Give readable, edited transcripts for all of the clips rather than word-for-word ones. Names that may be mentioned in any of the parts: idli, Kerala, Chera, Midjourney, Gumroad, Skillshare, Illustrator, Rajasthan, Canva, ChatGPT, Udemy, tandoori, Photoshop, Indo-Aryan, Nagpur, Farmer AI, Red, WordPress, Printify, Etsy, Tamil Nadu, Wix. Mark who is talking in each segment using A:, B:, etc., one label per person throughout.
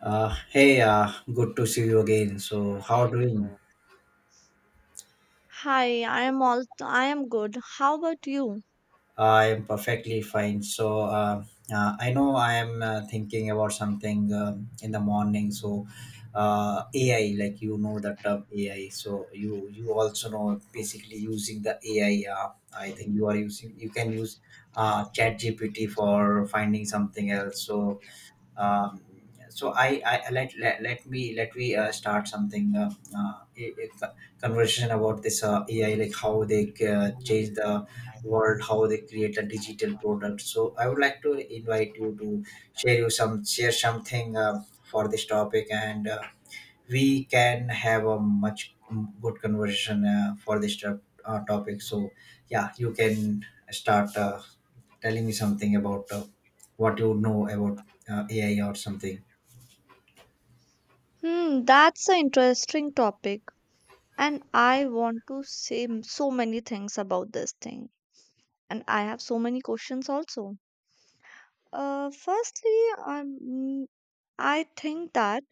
A: Hey, good to see you again. So, how
B: Hi,
A: are you doing?
B: I am good. How about you?
A: I am perfectly fine. I know I am thinking about something in the morning. AI, like you know the term AI. So, you also know basically using the AI. I think you are using. You can use ChatGPT for finding something else. So, um, so I let, let let me start something a, a co- conversation about this AI, like how they change the world, how they create a digital product. So I would like to invite you to share something for this topic, and we can have a much good conversation for this topic. So, yeah, you can start telling me something about what you know about AI or something.
B: Hmm, that's an interesting topic, and I want to say so many things about this thing, and I have so many questions also. Firstly, um, I think that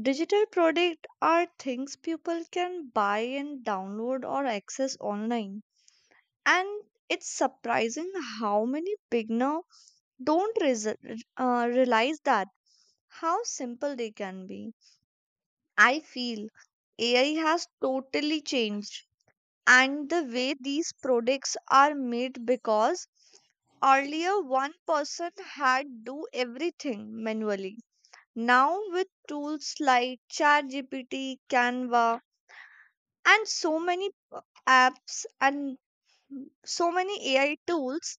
B: digital products are things people can buy and download or access online, and it's surprising how many beginners don't realize that. How simple they can be. I feel AI has totally changed and the way these products are made because earlier one person had do everything manually. Now with tools like ChatGPT, Canva and so many apps and so many AI tools,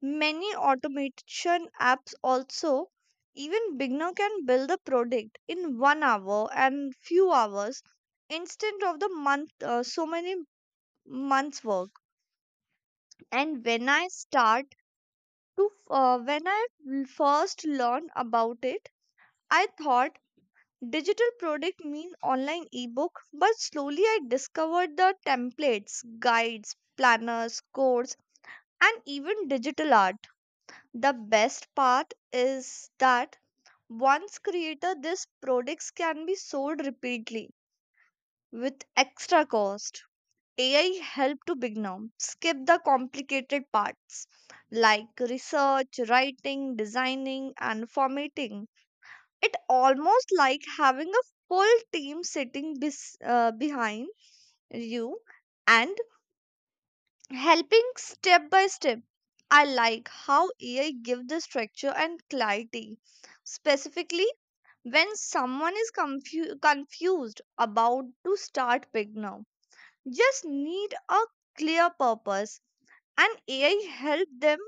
B: many automation apps also, even beginner can build a product in 1 hour and few hours instead of the month, so many months work. And when I first learned about it, I thought digital product mean online ebook, but slowly I discovered the templates, guides, planners, codes, and even digital art. The best part is that once created, these products can be sold repeatedly with extra cost. AI help to beginner skip the complicated parts like research, writing, designing, and formatting. It almost like having a full team sitting behind you and helping step by step. I like how AI give the structure and clarity specifically when someone is confused about to start big now just need a clear purpose, and AI help them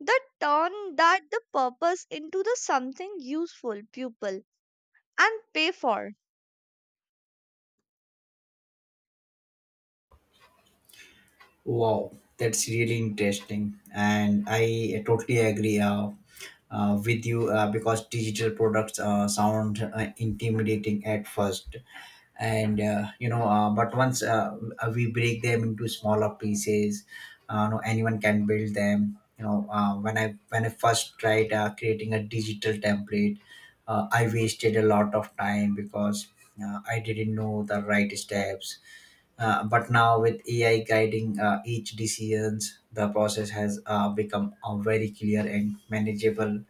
B: the turn that the purpose into the something useful pupil and pay for.
A: Wow, that's really interesting, and I totally agree with you, because digital products sound intimidating at first, and but once we break them into smaller pieces, no, anyone can build them. You know, when I first tried creating a digital template, I wasted a lot of time because I didn't know the right steps, but now with AI guiding each decisions, the process has become very clear and manageable.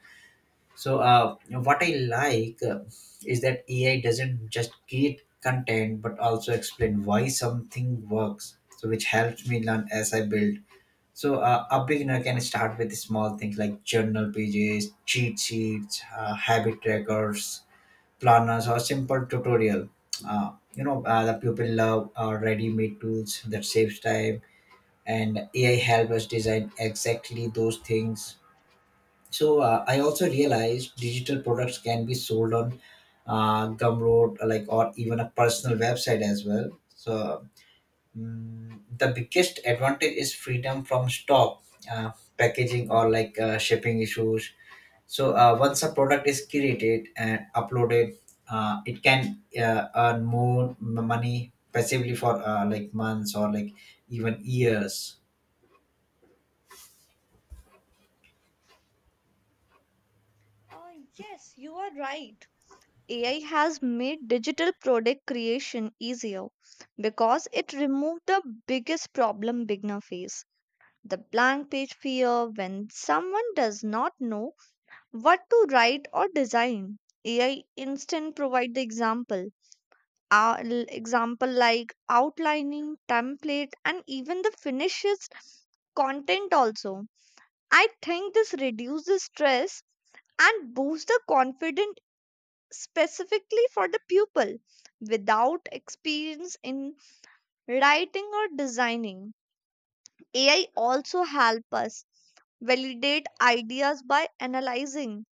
A: So what I like is that AI doesn't just create content but also explain why something works, so which helps me learn as I build. So a beginner can start with small things like journal pages, cheat sheets, habit trackers, planners, or simple tutorial. The people love ready-made tools that saves time, and AI helps us design exactly those things. So I also realized digital products can be sold on Gumroad, like or even a personal website as well. So the biggest advantage is freedom from stock, uh, packaging, or like shipping issues. So once a product is created and uploaded, it can earn more money passively for like months or like even years.
B: uh, yes, you are right. AI has made digital product creation easier because it removed the biggest problem beginner face, the blank page fear when someone does not know what to write or design. AI instant provide the example, example like outlining, template, and even the finishes content also. I think this reduces stress and boosts the confidence specifically for the pupil without experience in writing or designing. AI also help us validate ideas by analyzing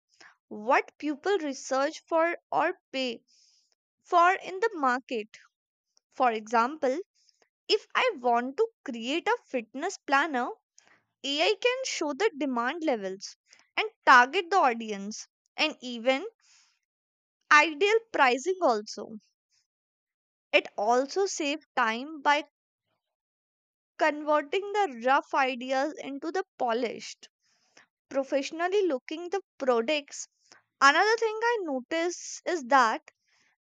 B: what people research for or pay for in the market. For example, if I want to create a fitness planner, AI can show the demand levels and target the audience and even ideal pricing also. It also saves time by converting the rough ideas into the polished, professionally looking the products. Another thing I notice is that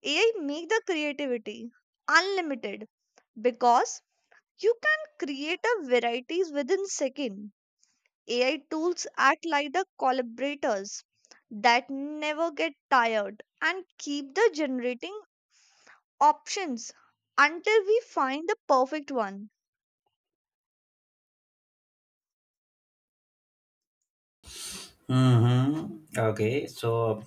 B: AI make the creativity unlimited because you can create a varieties within second. AI tools act like the collaborators that never get tired and keep the generating options until we find the perfect one.
A: Mm-hmm. Okay, so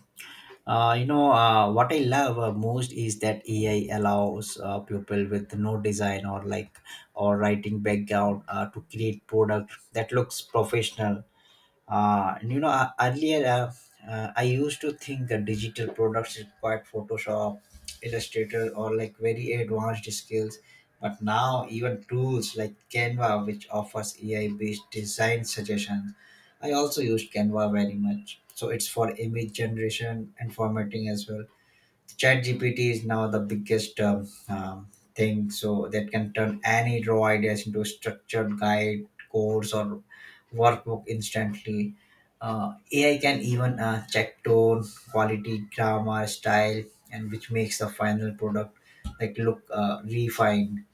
A: uh, you know uh, what I love most is that AI allows people with no design or like or writing background to create product that looks professional. Earlier I used to think that digital products required Photoshop, Illustrator, or like very advanced skills. But now, even tools like Canva, which offers AI-based design suggestions — I also used Canva very much. So it's for image generation and formatting as well. ChatGPT is now the biggest thing, so that can turn any raw ideas into a structured guide, course, or workbook instantly. AI can even check tone, quality, grammar, style, and which makes the final product like look refined.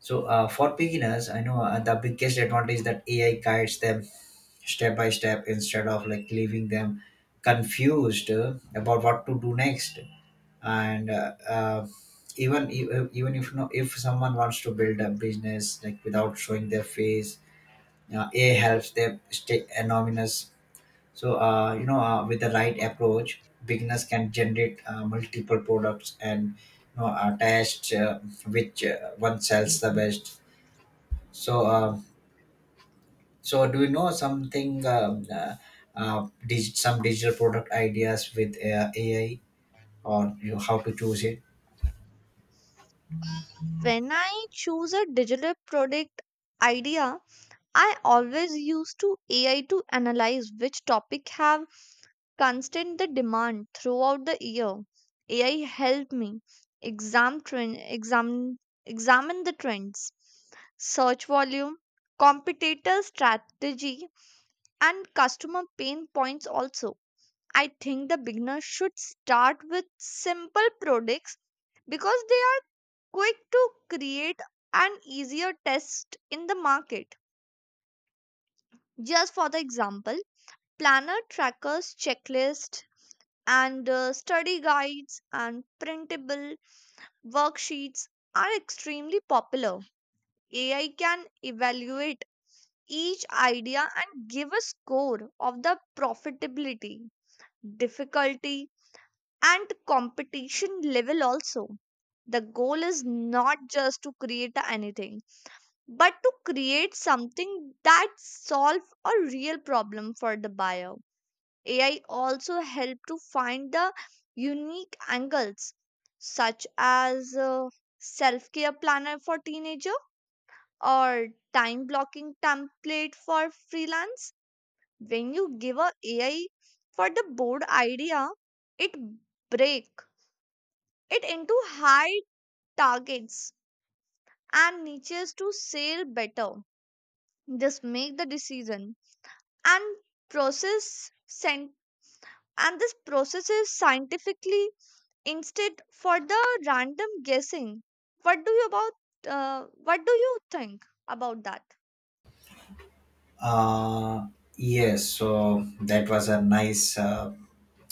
A: So for beginners, I know the biggest advantage that AI guides them step by step instead of like leaving them confused about what to do next, and even if no, if someone wants to build a business like without showing their face, a helps them stay anonymous. So with the right approach beginners can generate multiple products and you know attached which one sells the best. So uh, so do you know something some digital product ideas with AI, or you know, how to choose it?
B: When I choose a digital product idea, I always use to AI to analyze which topic have constant the demand throughout the year. AI helped me exam trend, exam, examine the trends, search volume, competitor strategy, and customer pain points also. I think the beginner should start with simple products because they are quick to create and easier test in the market. Just for the example, planner trackers checklist and study guides and printable worksheets are extremely popular. AI can evaluate each idea and give a score of the profitability, difficulty, and competition level also. The goal is not just to create anything, but to create something that solves a real problem for the buyer. AI also help to find the unique angles such as self-care planner for teenager or time blocking template for freelance. When you give a AI for the board idea, it break it into high targets and niches to sell better. Just make the decision and process sent, and this process is scientifically instead for the random guessing. What do you think about that?
A: Uh, yes, so that was a nice.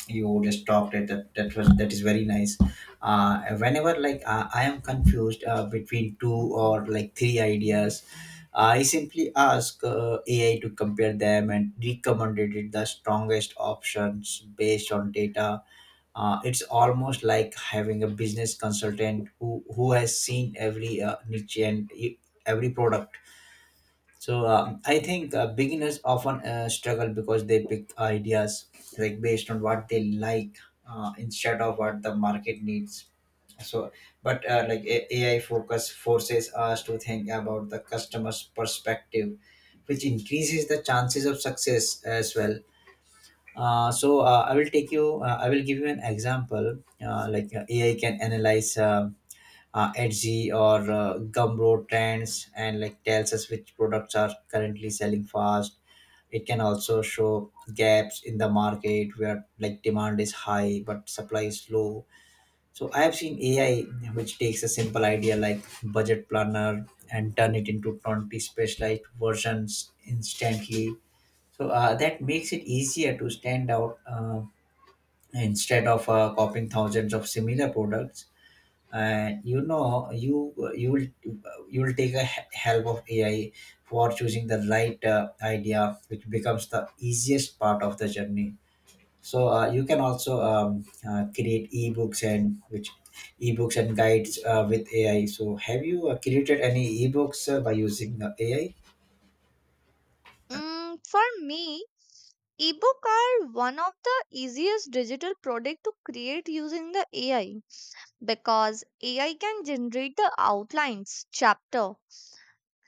A: You just talked it. That was that is very nice. Whenever like I am confused between two or like three ideas, I simply ask AI to compare them and recommended it the strongest options based on data. It's almost like having a business consultant who has seen every niche and every product. So I think beginners often struggle because they pick ideas like based on what they like instead of what the market needs. So, but AI focus forces us to think about the customer's perspective, which increases the chances of success as well. So I will take you. I will give you an example. AI can analyze Etsy or Gumroad trends and like tells us which products are currently selling fast. It can also show gaps in the market where like demand is high but supply is low. So I have seen AI which takes a simple idea like budget planner and turn it into 20 specialized versions instantly. So that makes it easier to stand out, instead of copying thousands of similar products. And you know you will take a help of AI for choosing the right idea, which becomes the easiest part of the journey. So you can also create ebooks and guides with AI. So have you created any ebooks by using AI?
B: Mm, for me ebook are one of the easiest digital product to create using the AI because AI can generate the outlines chapter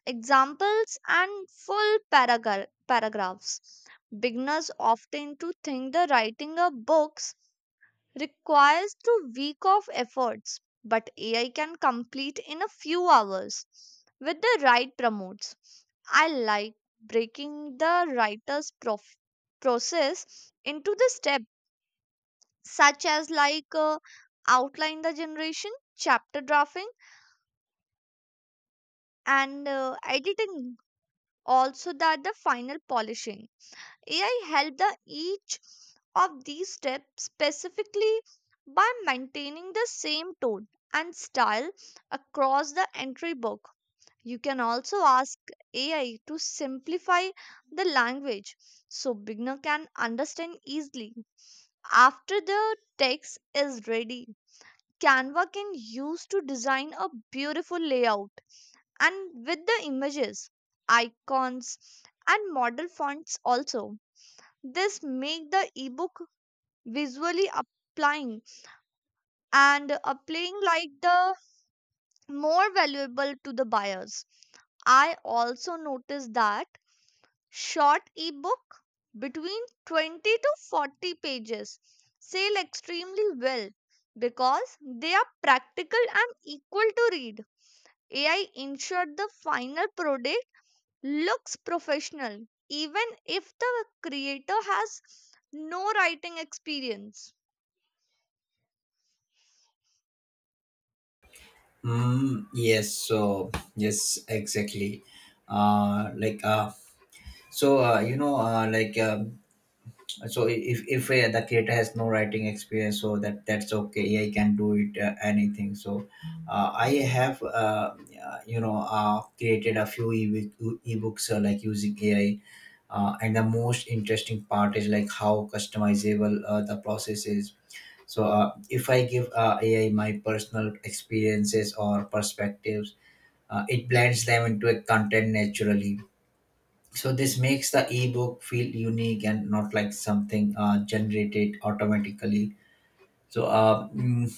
B: examples and full paragraphs. Beginners often to think the writing of books requires to week of efforts, but AI can complete in a few hours with the right promotes. I like breaking the process into the steps such as like outline the generation, chapter drafting and editing also that the final polishing. AI helped the each of these steps specifically by maintaining the same tone and style across the entry book. You can also ask AI to simplify the language so beginner can understand easily. After the text is ready, Canva can use to design a beautiful layout and with the images, icons and model fonts also. This make the ebook visually applying and applying like the more valuable to the buyers. I also noticed that short ebook between 20 to 40 pages sell extremely well because they are practical and equal to read. AI ensured the final product looks professional even if the creator has no writing experience.
A: Yes, so yes, exactly. Like so you know, like so if the creator has no writing experience, so that that's okay, AI can do it anything. So I have created a few ebooks like using AI, and the most interesting part is like how customizable the process is. So if I give AI my personal experiences or perspectives, it blends them into a content naturally. So this makes the ebook feel unique and not like something generated automatically. So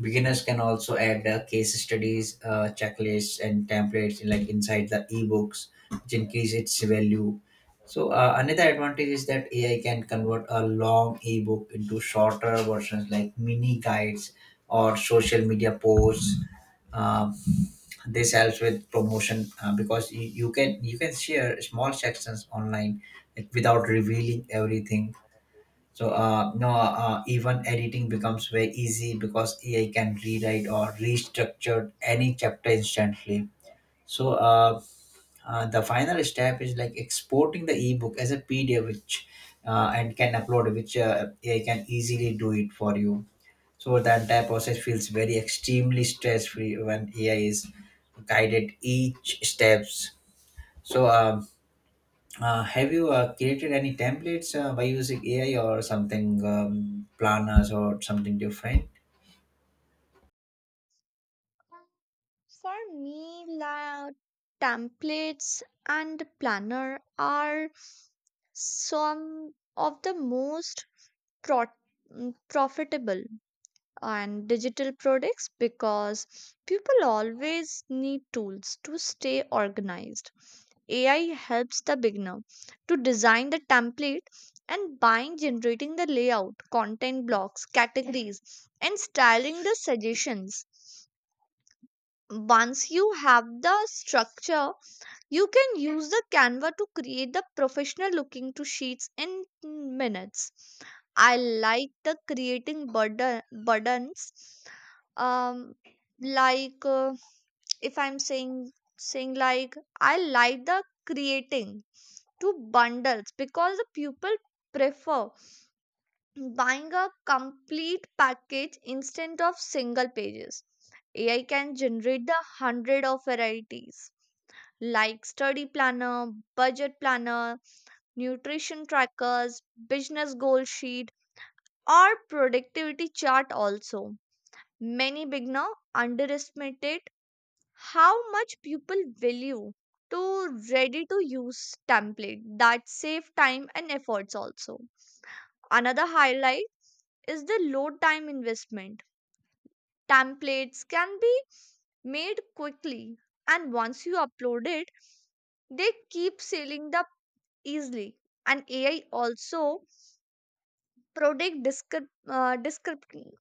A: beginners can also add case studies, checklists, and templates in, like inside the ebooks, which increase its value. So, another advantage is that AI can convert a long ebook into shorter versions like mini guides or social media posts. Um, this helps with promotion because you can share small sections online like, without revealing everything. So uh, no, uh, even editing becomes very easy because AI can rewrite or restructure any chapter instantly. So the final step is like exporting the ebook as a PDF, which and can upload, which AI can easily do it for you. So the entire process feels very extremely stress free when AI is guided each steps. So have you created any templates by using AI or something, planners or something different?
B: For me, la templates and planner are some of the most pro- profitable and digital products because people always need tools to stay organized. AI helps the beginner to design the template and buying generating the layout, content blocks, categories and styling the suggestions. Once you have the structure you can use the Canva to create the professional looking to sheets in minutes. I like the creating burden buttons. Um like if I'm saying saying like I like the creating to bundles because the people prefer buying a complete package instead of single pages. AI can generate the hundred of varieties like study planner, budget planner, nutrition trackers, business goal sheet, or productivity chart also. Many beginner underestimated how much people value to ready to use template that save time and efforts also. Another highlight is the low time investment. Templates can be made quickly, and once you upload it, they keep sailing up easily. And AI also predict uh, descrip-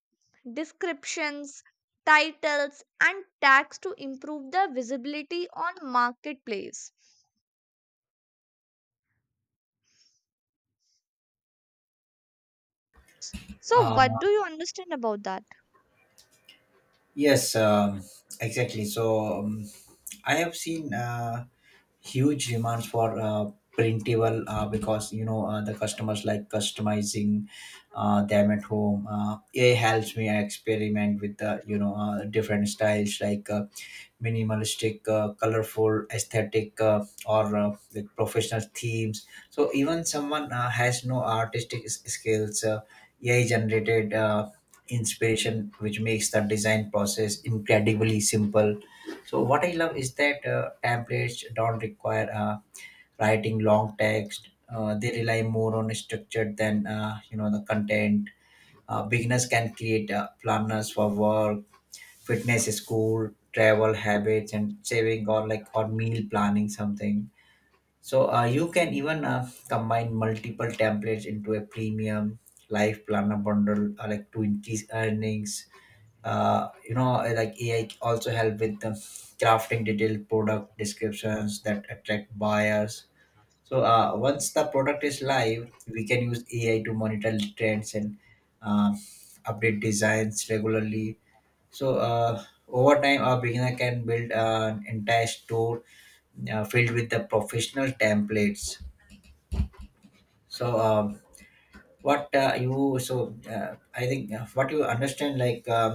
B: descriptions, titles, and tags to improve the visibility on marketplace. So, what do you understand about that?
A: Yes, exactly. So I have seen huge demands for printable because you know the customers like customizing them at home. It helps me experiment with the you know different styles like minimalistic, colorful, aesthetic, or with professional themes. So even someone has no artistic skills, AI generated inspiration which makes the design process incredibly simple. So what I love is that templates don't require writing long text, they rely more on structure than you know the content. Beginners can create planners for work, fitness, school, travel, habits, and saving, or like or meal planning something. So you can even combine multiple templates into a premium life planner bundle like to increase earnings. AI also help with the crafting detailed product descriptions that attract buyers. So once the product is live we can use AI to monitor trends and uh, update designs regularly. So over time a beginner can build an entire store filled with the professional templates. So um, what uh, you so uh, I think what you understand like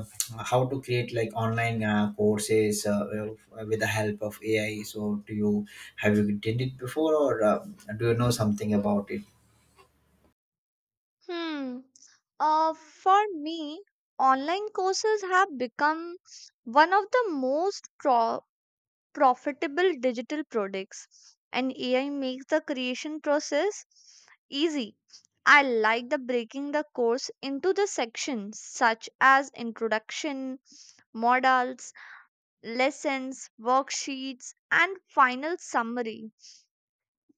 A: how to create like online courses, with the help of AI? So do you, have you did it before, or do you know something about it?
B: Hmm. For me, online courses have become one of the most profitable digital products, and AI makes the creation process easy. I like the breaking the course into the sections such as introduction, models, lessons, worksheets, and final summary.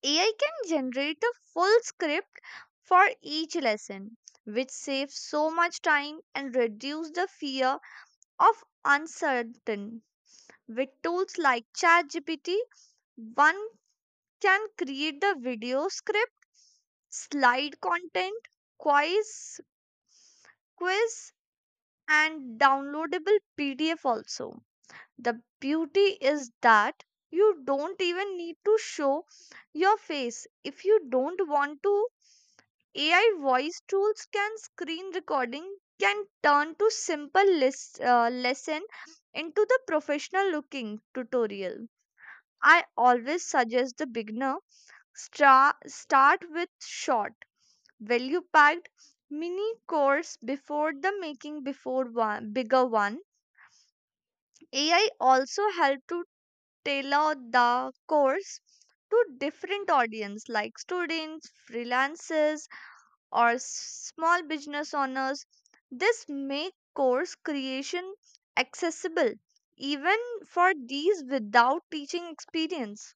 B: AI can generate the full script for each lesson, which saves so much time and reduces the fear of uncertain. With tools like ChatGPT, one can create the video script, slide content, quiz, quiz, and downloadable PDF also. The beauty is that you don't even need to show your face. If you don't want to, AI voice tools can screen recording, can turn to simple lesson into the professional looking tutorial. I always suggest the beginner start with short, value packed mini course before the making before one bigger one. AI also help to tailor the course to different audience like students, freelancers, or small business owners. This make course creation accessible even for these without teaching experience.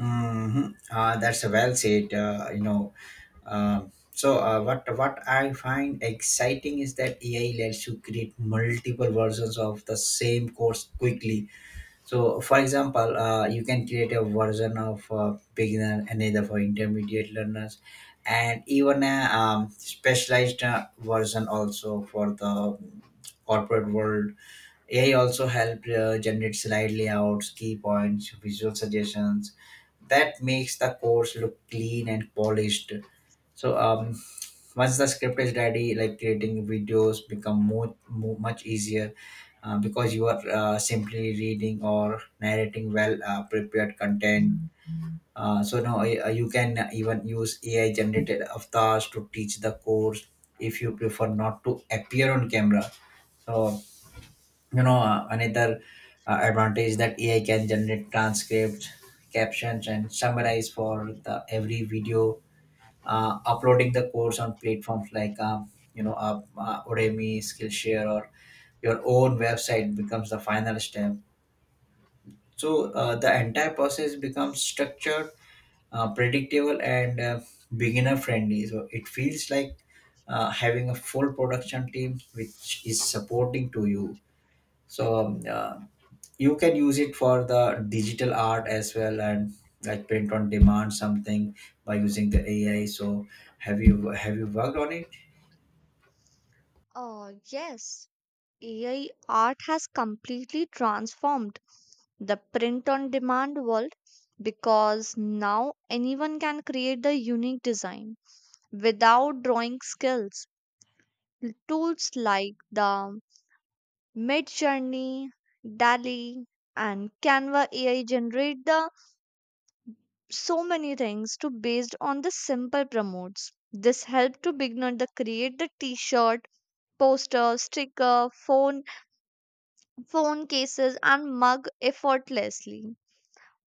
A: That's a well said, you know um, what I find exciting is that AI lets you create multiple versions of the same course quickly. So, for example, you can create a version of beginner, another for intermediate learners, and even a specialized version also for the corporate world. AI also help generate slide layouts, key points, visual suggestions that makes the course look clean and polished. So, um, Once the script is ready, like, creating videos become more much easier because you are simply reading or narrating well prepared content, so now you can even use ai generated avatars to teach the course if you prefer not to appear on camera. so Another advantage that ai can generate transcripts, captions and summarize for the every video. Uploading the course on platforms like Udemy, Skillshare, or your own website becomes the final step. So the entire process becomes structured, predictable, and beginner friendly. So it feels like having a full production team which is supporting to you. so um, uh, you can use it for the digital art as well, and like print on demand something by using the ai. So have you worked on it?
B: Oh, yes. AI art has completely transformed the print on demand world because now anyone can create the unique design without drawing skills. Tools like the Midjourney, e and Canva AI generate the so many things to based on the simple promotes. This helped to beginner to create the t-shirt, poster, sticker, phone cases and mug effortlessly.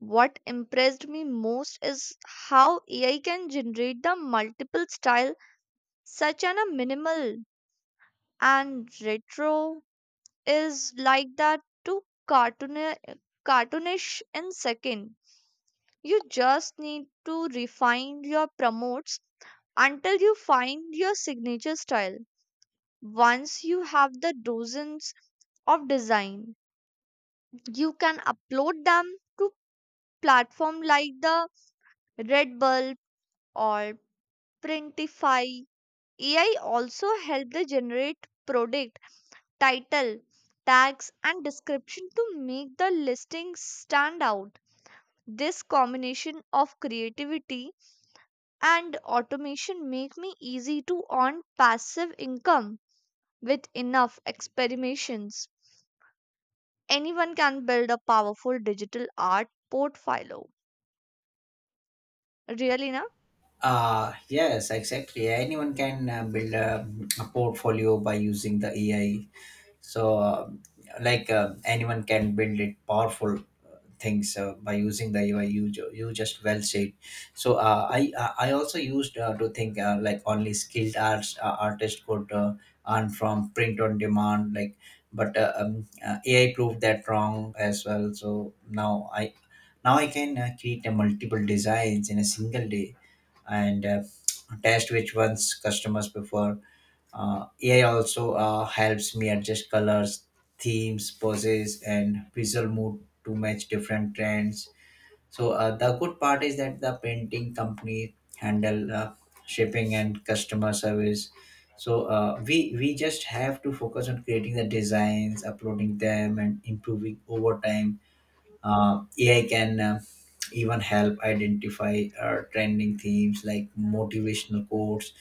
B: What impressed me most is how AI can generate the multiple style such an a minimal and retro is like that to cartoon cartoonish in second. You just need to refine your promotes until you find your signature style. Once you have the dozens of design, you can upload them to platform like the Red or Printify. AI also help the generate product title, tags and description to make the listing stand out. This combination of creativity and automation make me easy to earn passive income with enough experimentations. Anyone can build a powerful digital art portfolio. Really, na?
A: Yes, exactly, anyone can build a portfolio by using the ai. so um, like, anyone can build it powerful things by using the ui. You just well said. So I also used to think like only skilled arts artists could earn from print on demand, like, but ai proved that wrong as well. Now i Now I can create multiple designs in a single day, and test which ones customers prefer. AI also helps me adjust colors, themes, poses, and visual mood to match different trends. So the good part is that the painting company handle shipping and customer service. So we just have to focus on creating the designs, uploading them, and improving over time. AI can even help identify trending themes like motivational quotes,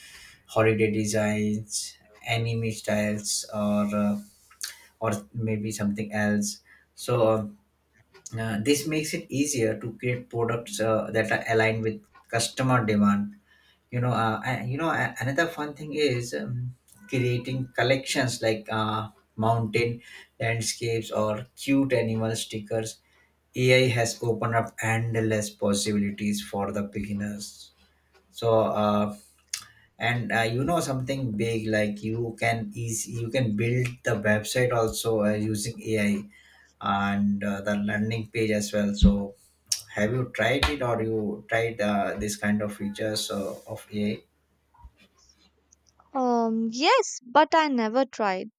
A: holiday designs, anime styles, or maybe something else. So this makes it easier to create products that are aligned with customer demand. You know and, you know a- Another fun thing is, creating collections like mountain landscapes or cute animal stickers. Ai has opened up endless possibilities for the beginners. So and You know, something big, like you can easy you can build the website also using ai, and the landing page as well. So have you tried it, or you tried this kind of features of ai?
B: Yes, but I never tried.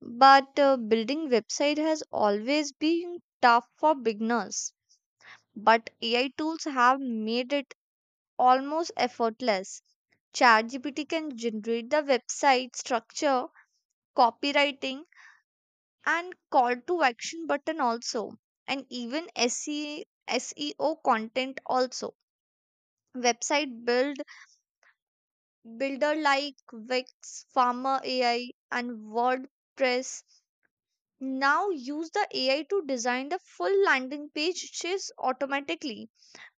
B: But building website has always been tough for beginners. But AI tools have made it almost effortless. ChatGPT can generate the website structure, copywriting, and call to action button also and even SEO content also. Website builder like Wix, Farmer AI and WordPress now use the AI to design the full landing pages automatically.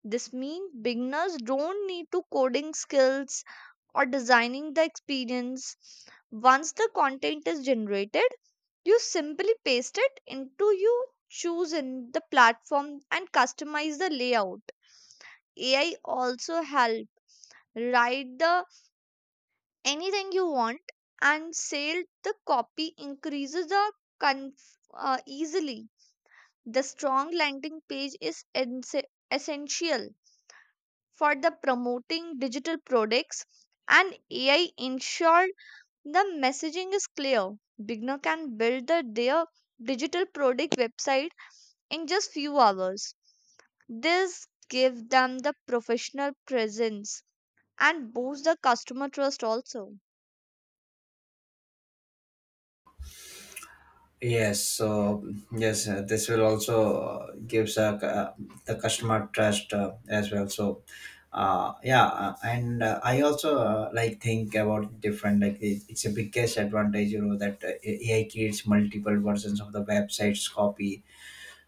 B: This means beginners don't need to coding skills or designing the experience. Once the content is generated, you simply paste it into you choose in the platform and customize the layout. AI also help write the anything you want and sell the copy increases the easily. The strong landing page is essential for the promoting digital products, and AI ensure the messaging is clear. Beginner can build the, their digital product website in just few hours. This gives them the professional presence and boosts the customer trust also.
A: Yes, so yes, this will also gives the customer trust as well. So yeah, and I also like think about different, like, it's a biggest advantage, you know, that AI creates multiple versions of the website's copy.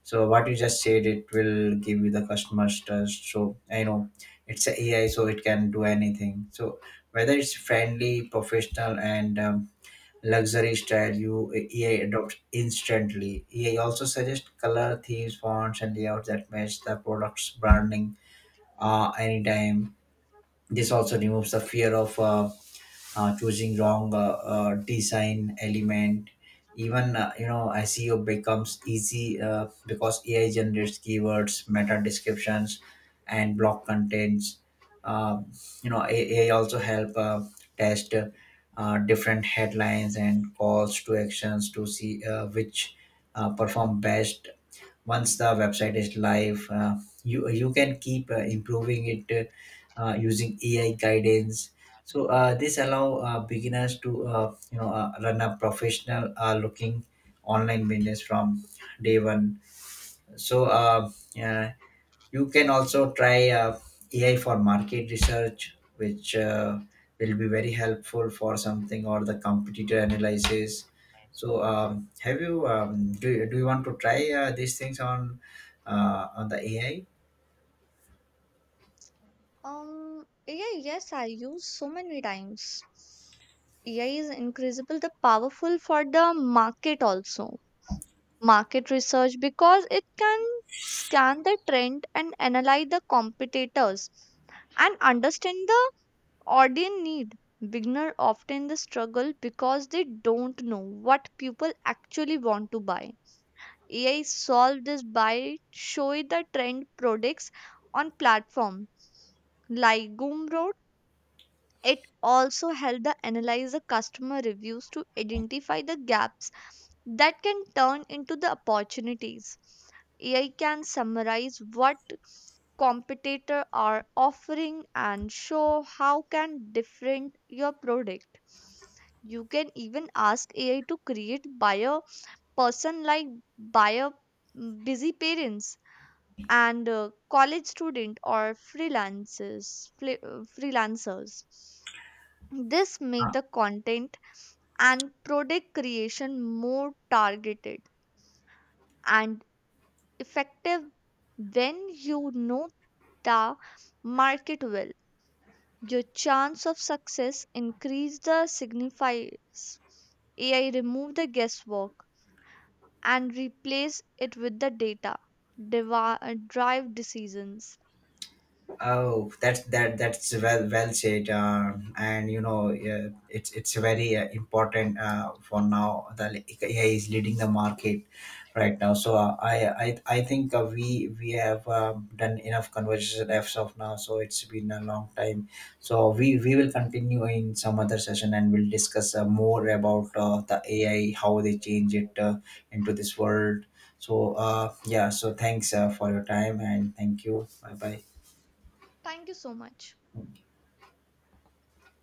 A: So what you just said, it will give you the customer's trust. So I know it's a AI, so it can do anything. So whether it's friendly, professional, and luxury style you EA adopts instantly. EA also suggests color themes, fonts, and layouts that match the product's branding anytime. This also removes the fear of choosing wrong design element. Even seo becomes easy because ai generates keywords, meta descriptions and block contents. um, Ai also help test different headlines and calls to actions to see which perform best. Once the website is live, you can keep improving it using ai guidance. So this allow beginners to run a professional looking online business from day 1. so uh, yeah, you can also try ai for market research, which will be very helpful for something, or the competitor analysis. Have you, do you want to try these things on the ai?
B: Yeah, yes, I use so many times. AI is incredible, the powerful for the market also. Market research because it can scan the trend and analyze the competitors and understand the audience need. Beginner often the struggle because they don't know what people actually want to buy. AI solve this by showing the trend products on platforms like Gumroad. It also helped the analyze the customer reviews to identify the gaps that can turn into the opportunities. AI can summarize what competitor are offering and show how can different your product. You can even ask AI to create buyer person like buyer mm, busy parents and college student or freelancers. This make the content and product creation more targeted and effective when you know the market well. Your chance of success increase the signifies. AI remove the guesswork and replace it with the data drive decisions.
A: Oh, that's that's well said. And you know, it's very important for now. The, like, AI is leading the market right now. So I think we have done enough conversation as of now. So it's been a long time. So we will continue in some other session and we'll discuss more about the AI, how they change it into this world. So so thanks for your time, and thank you. Bye bye.
B: Thank you so much.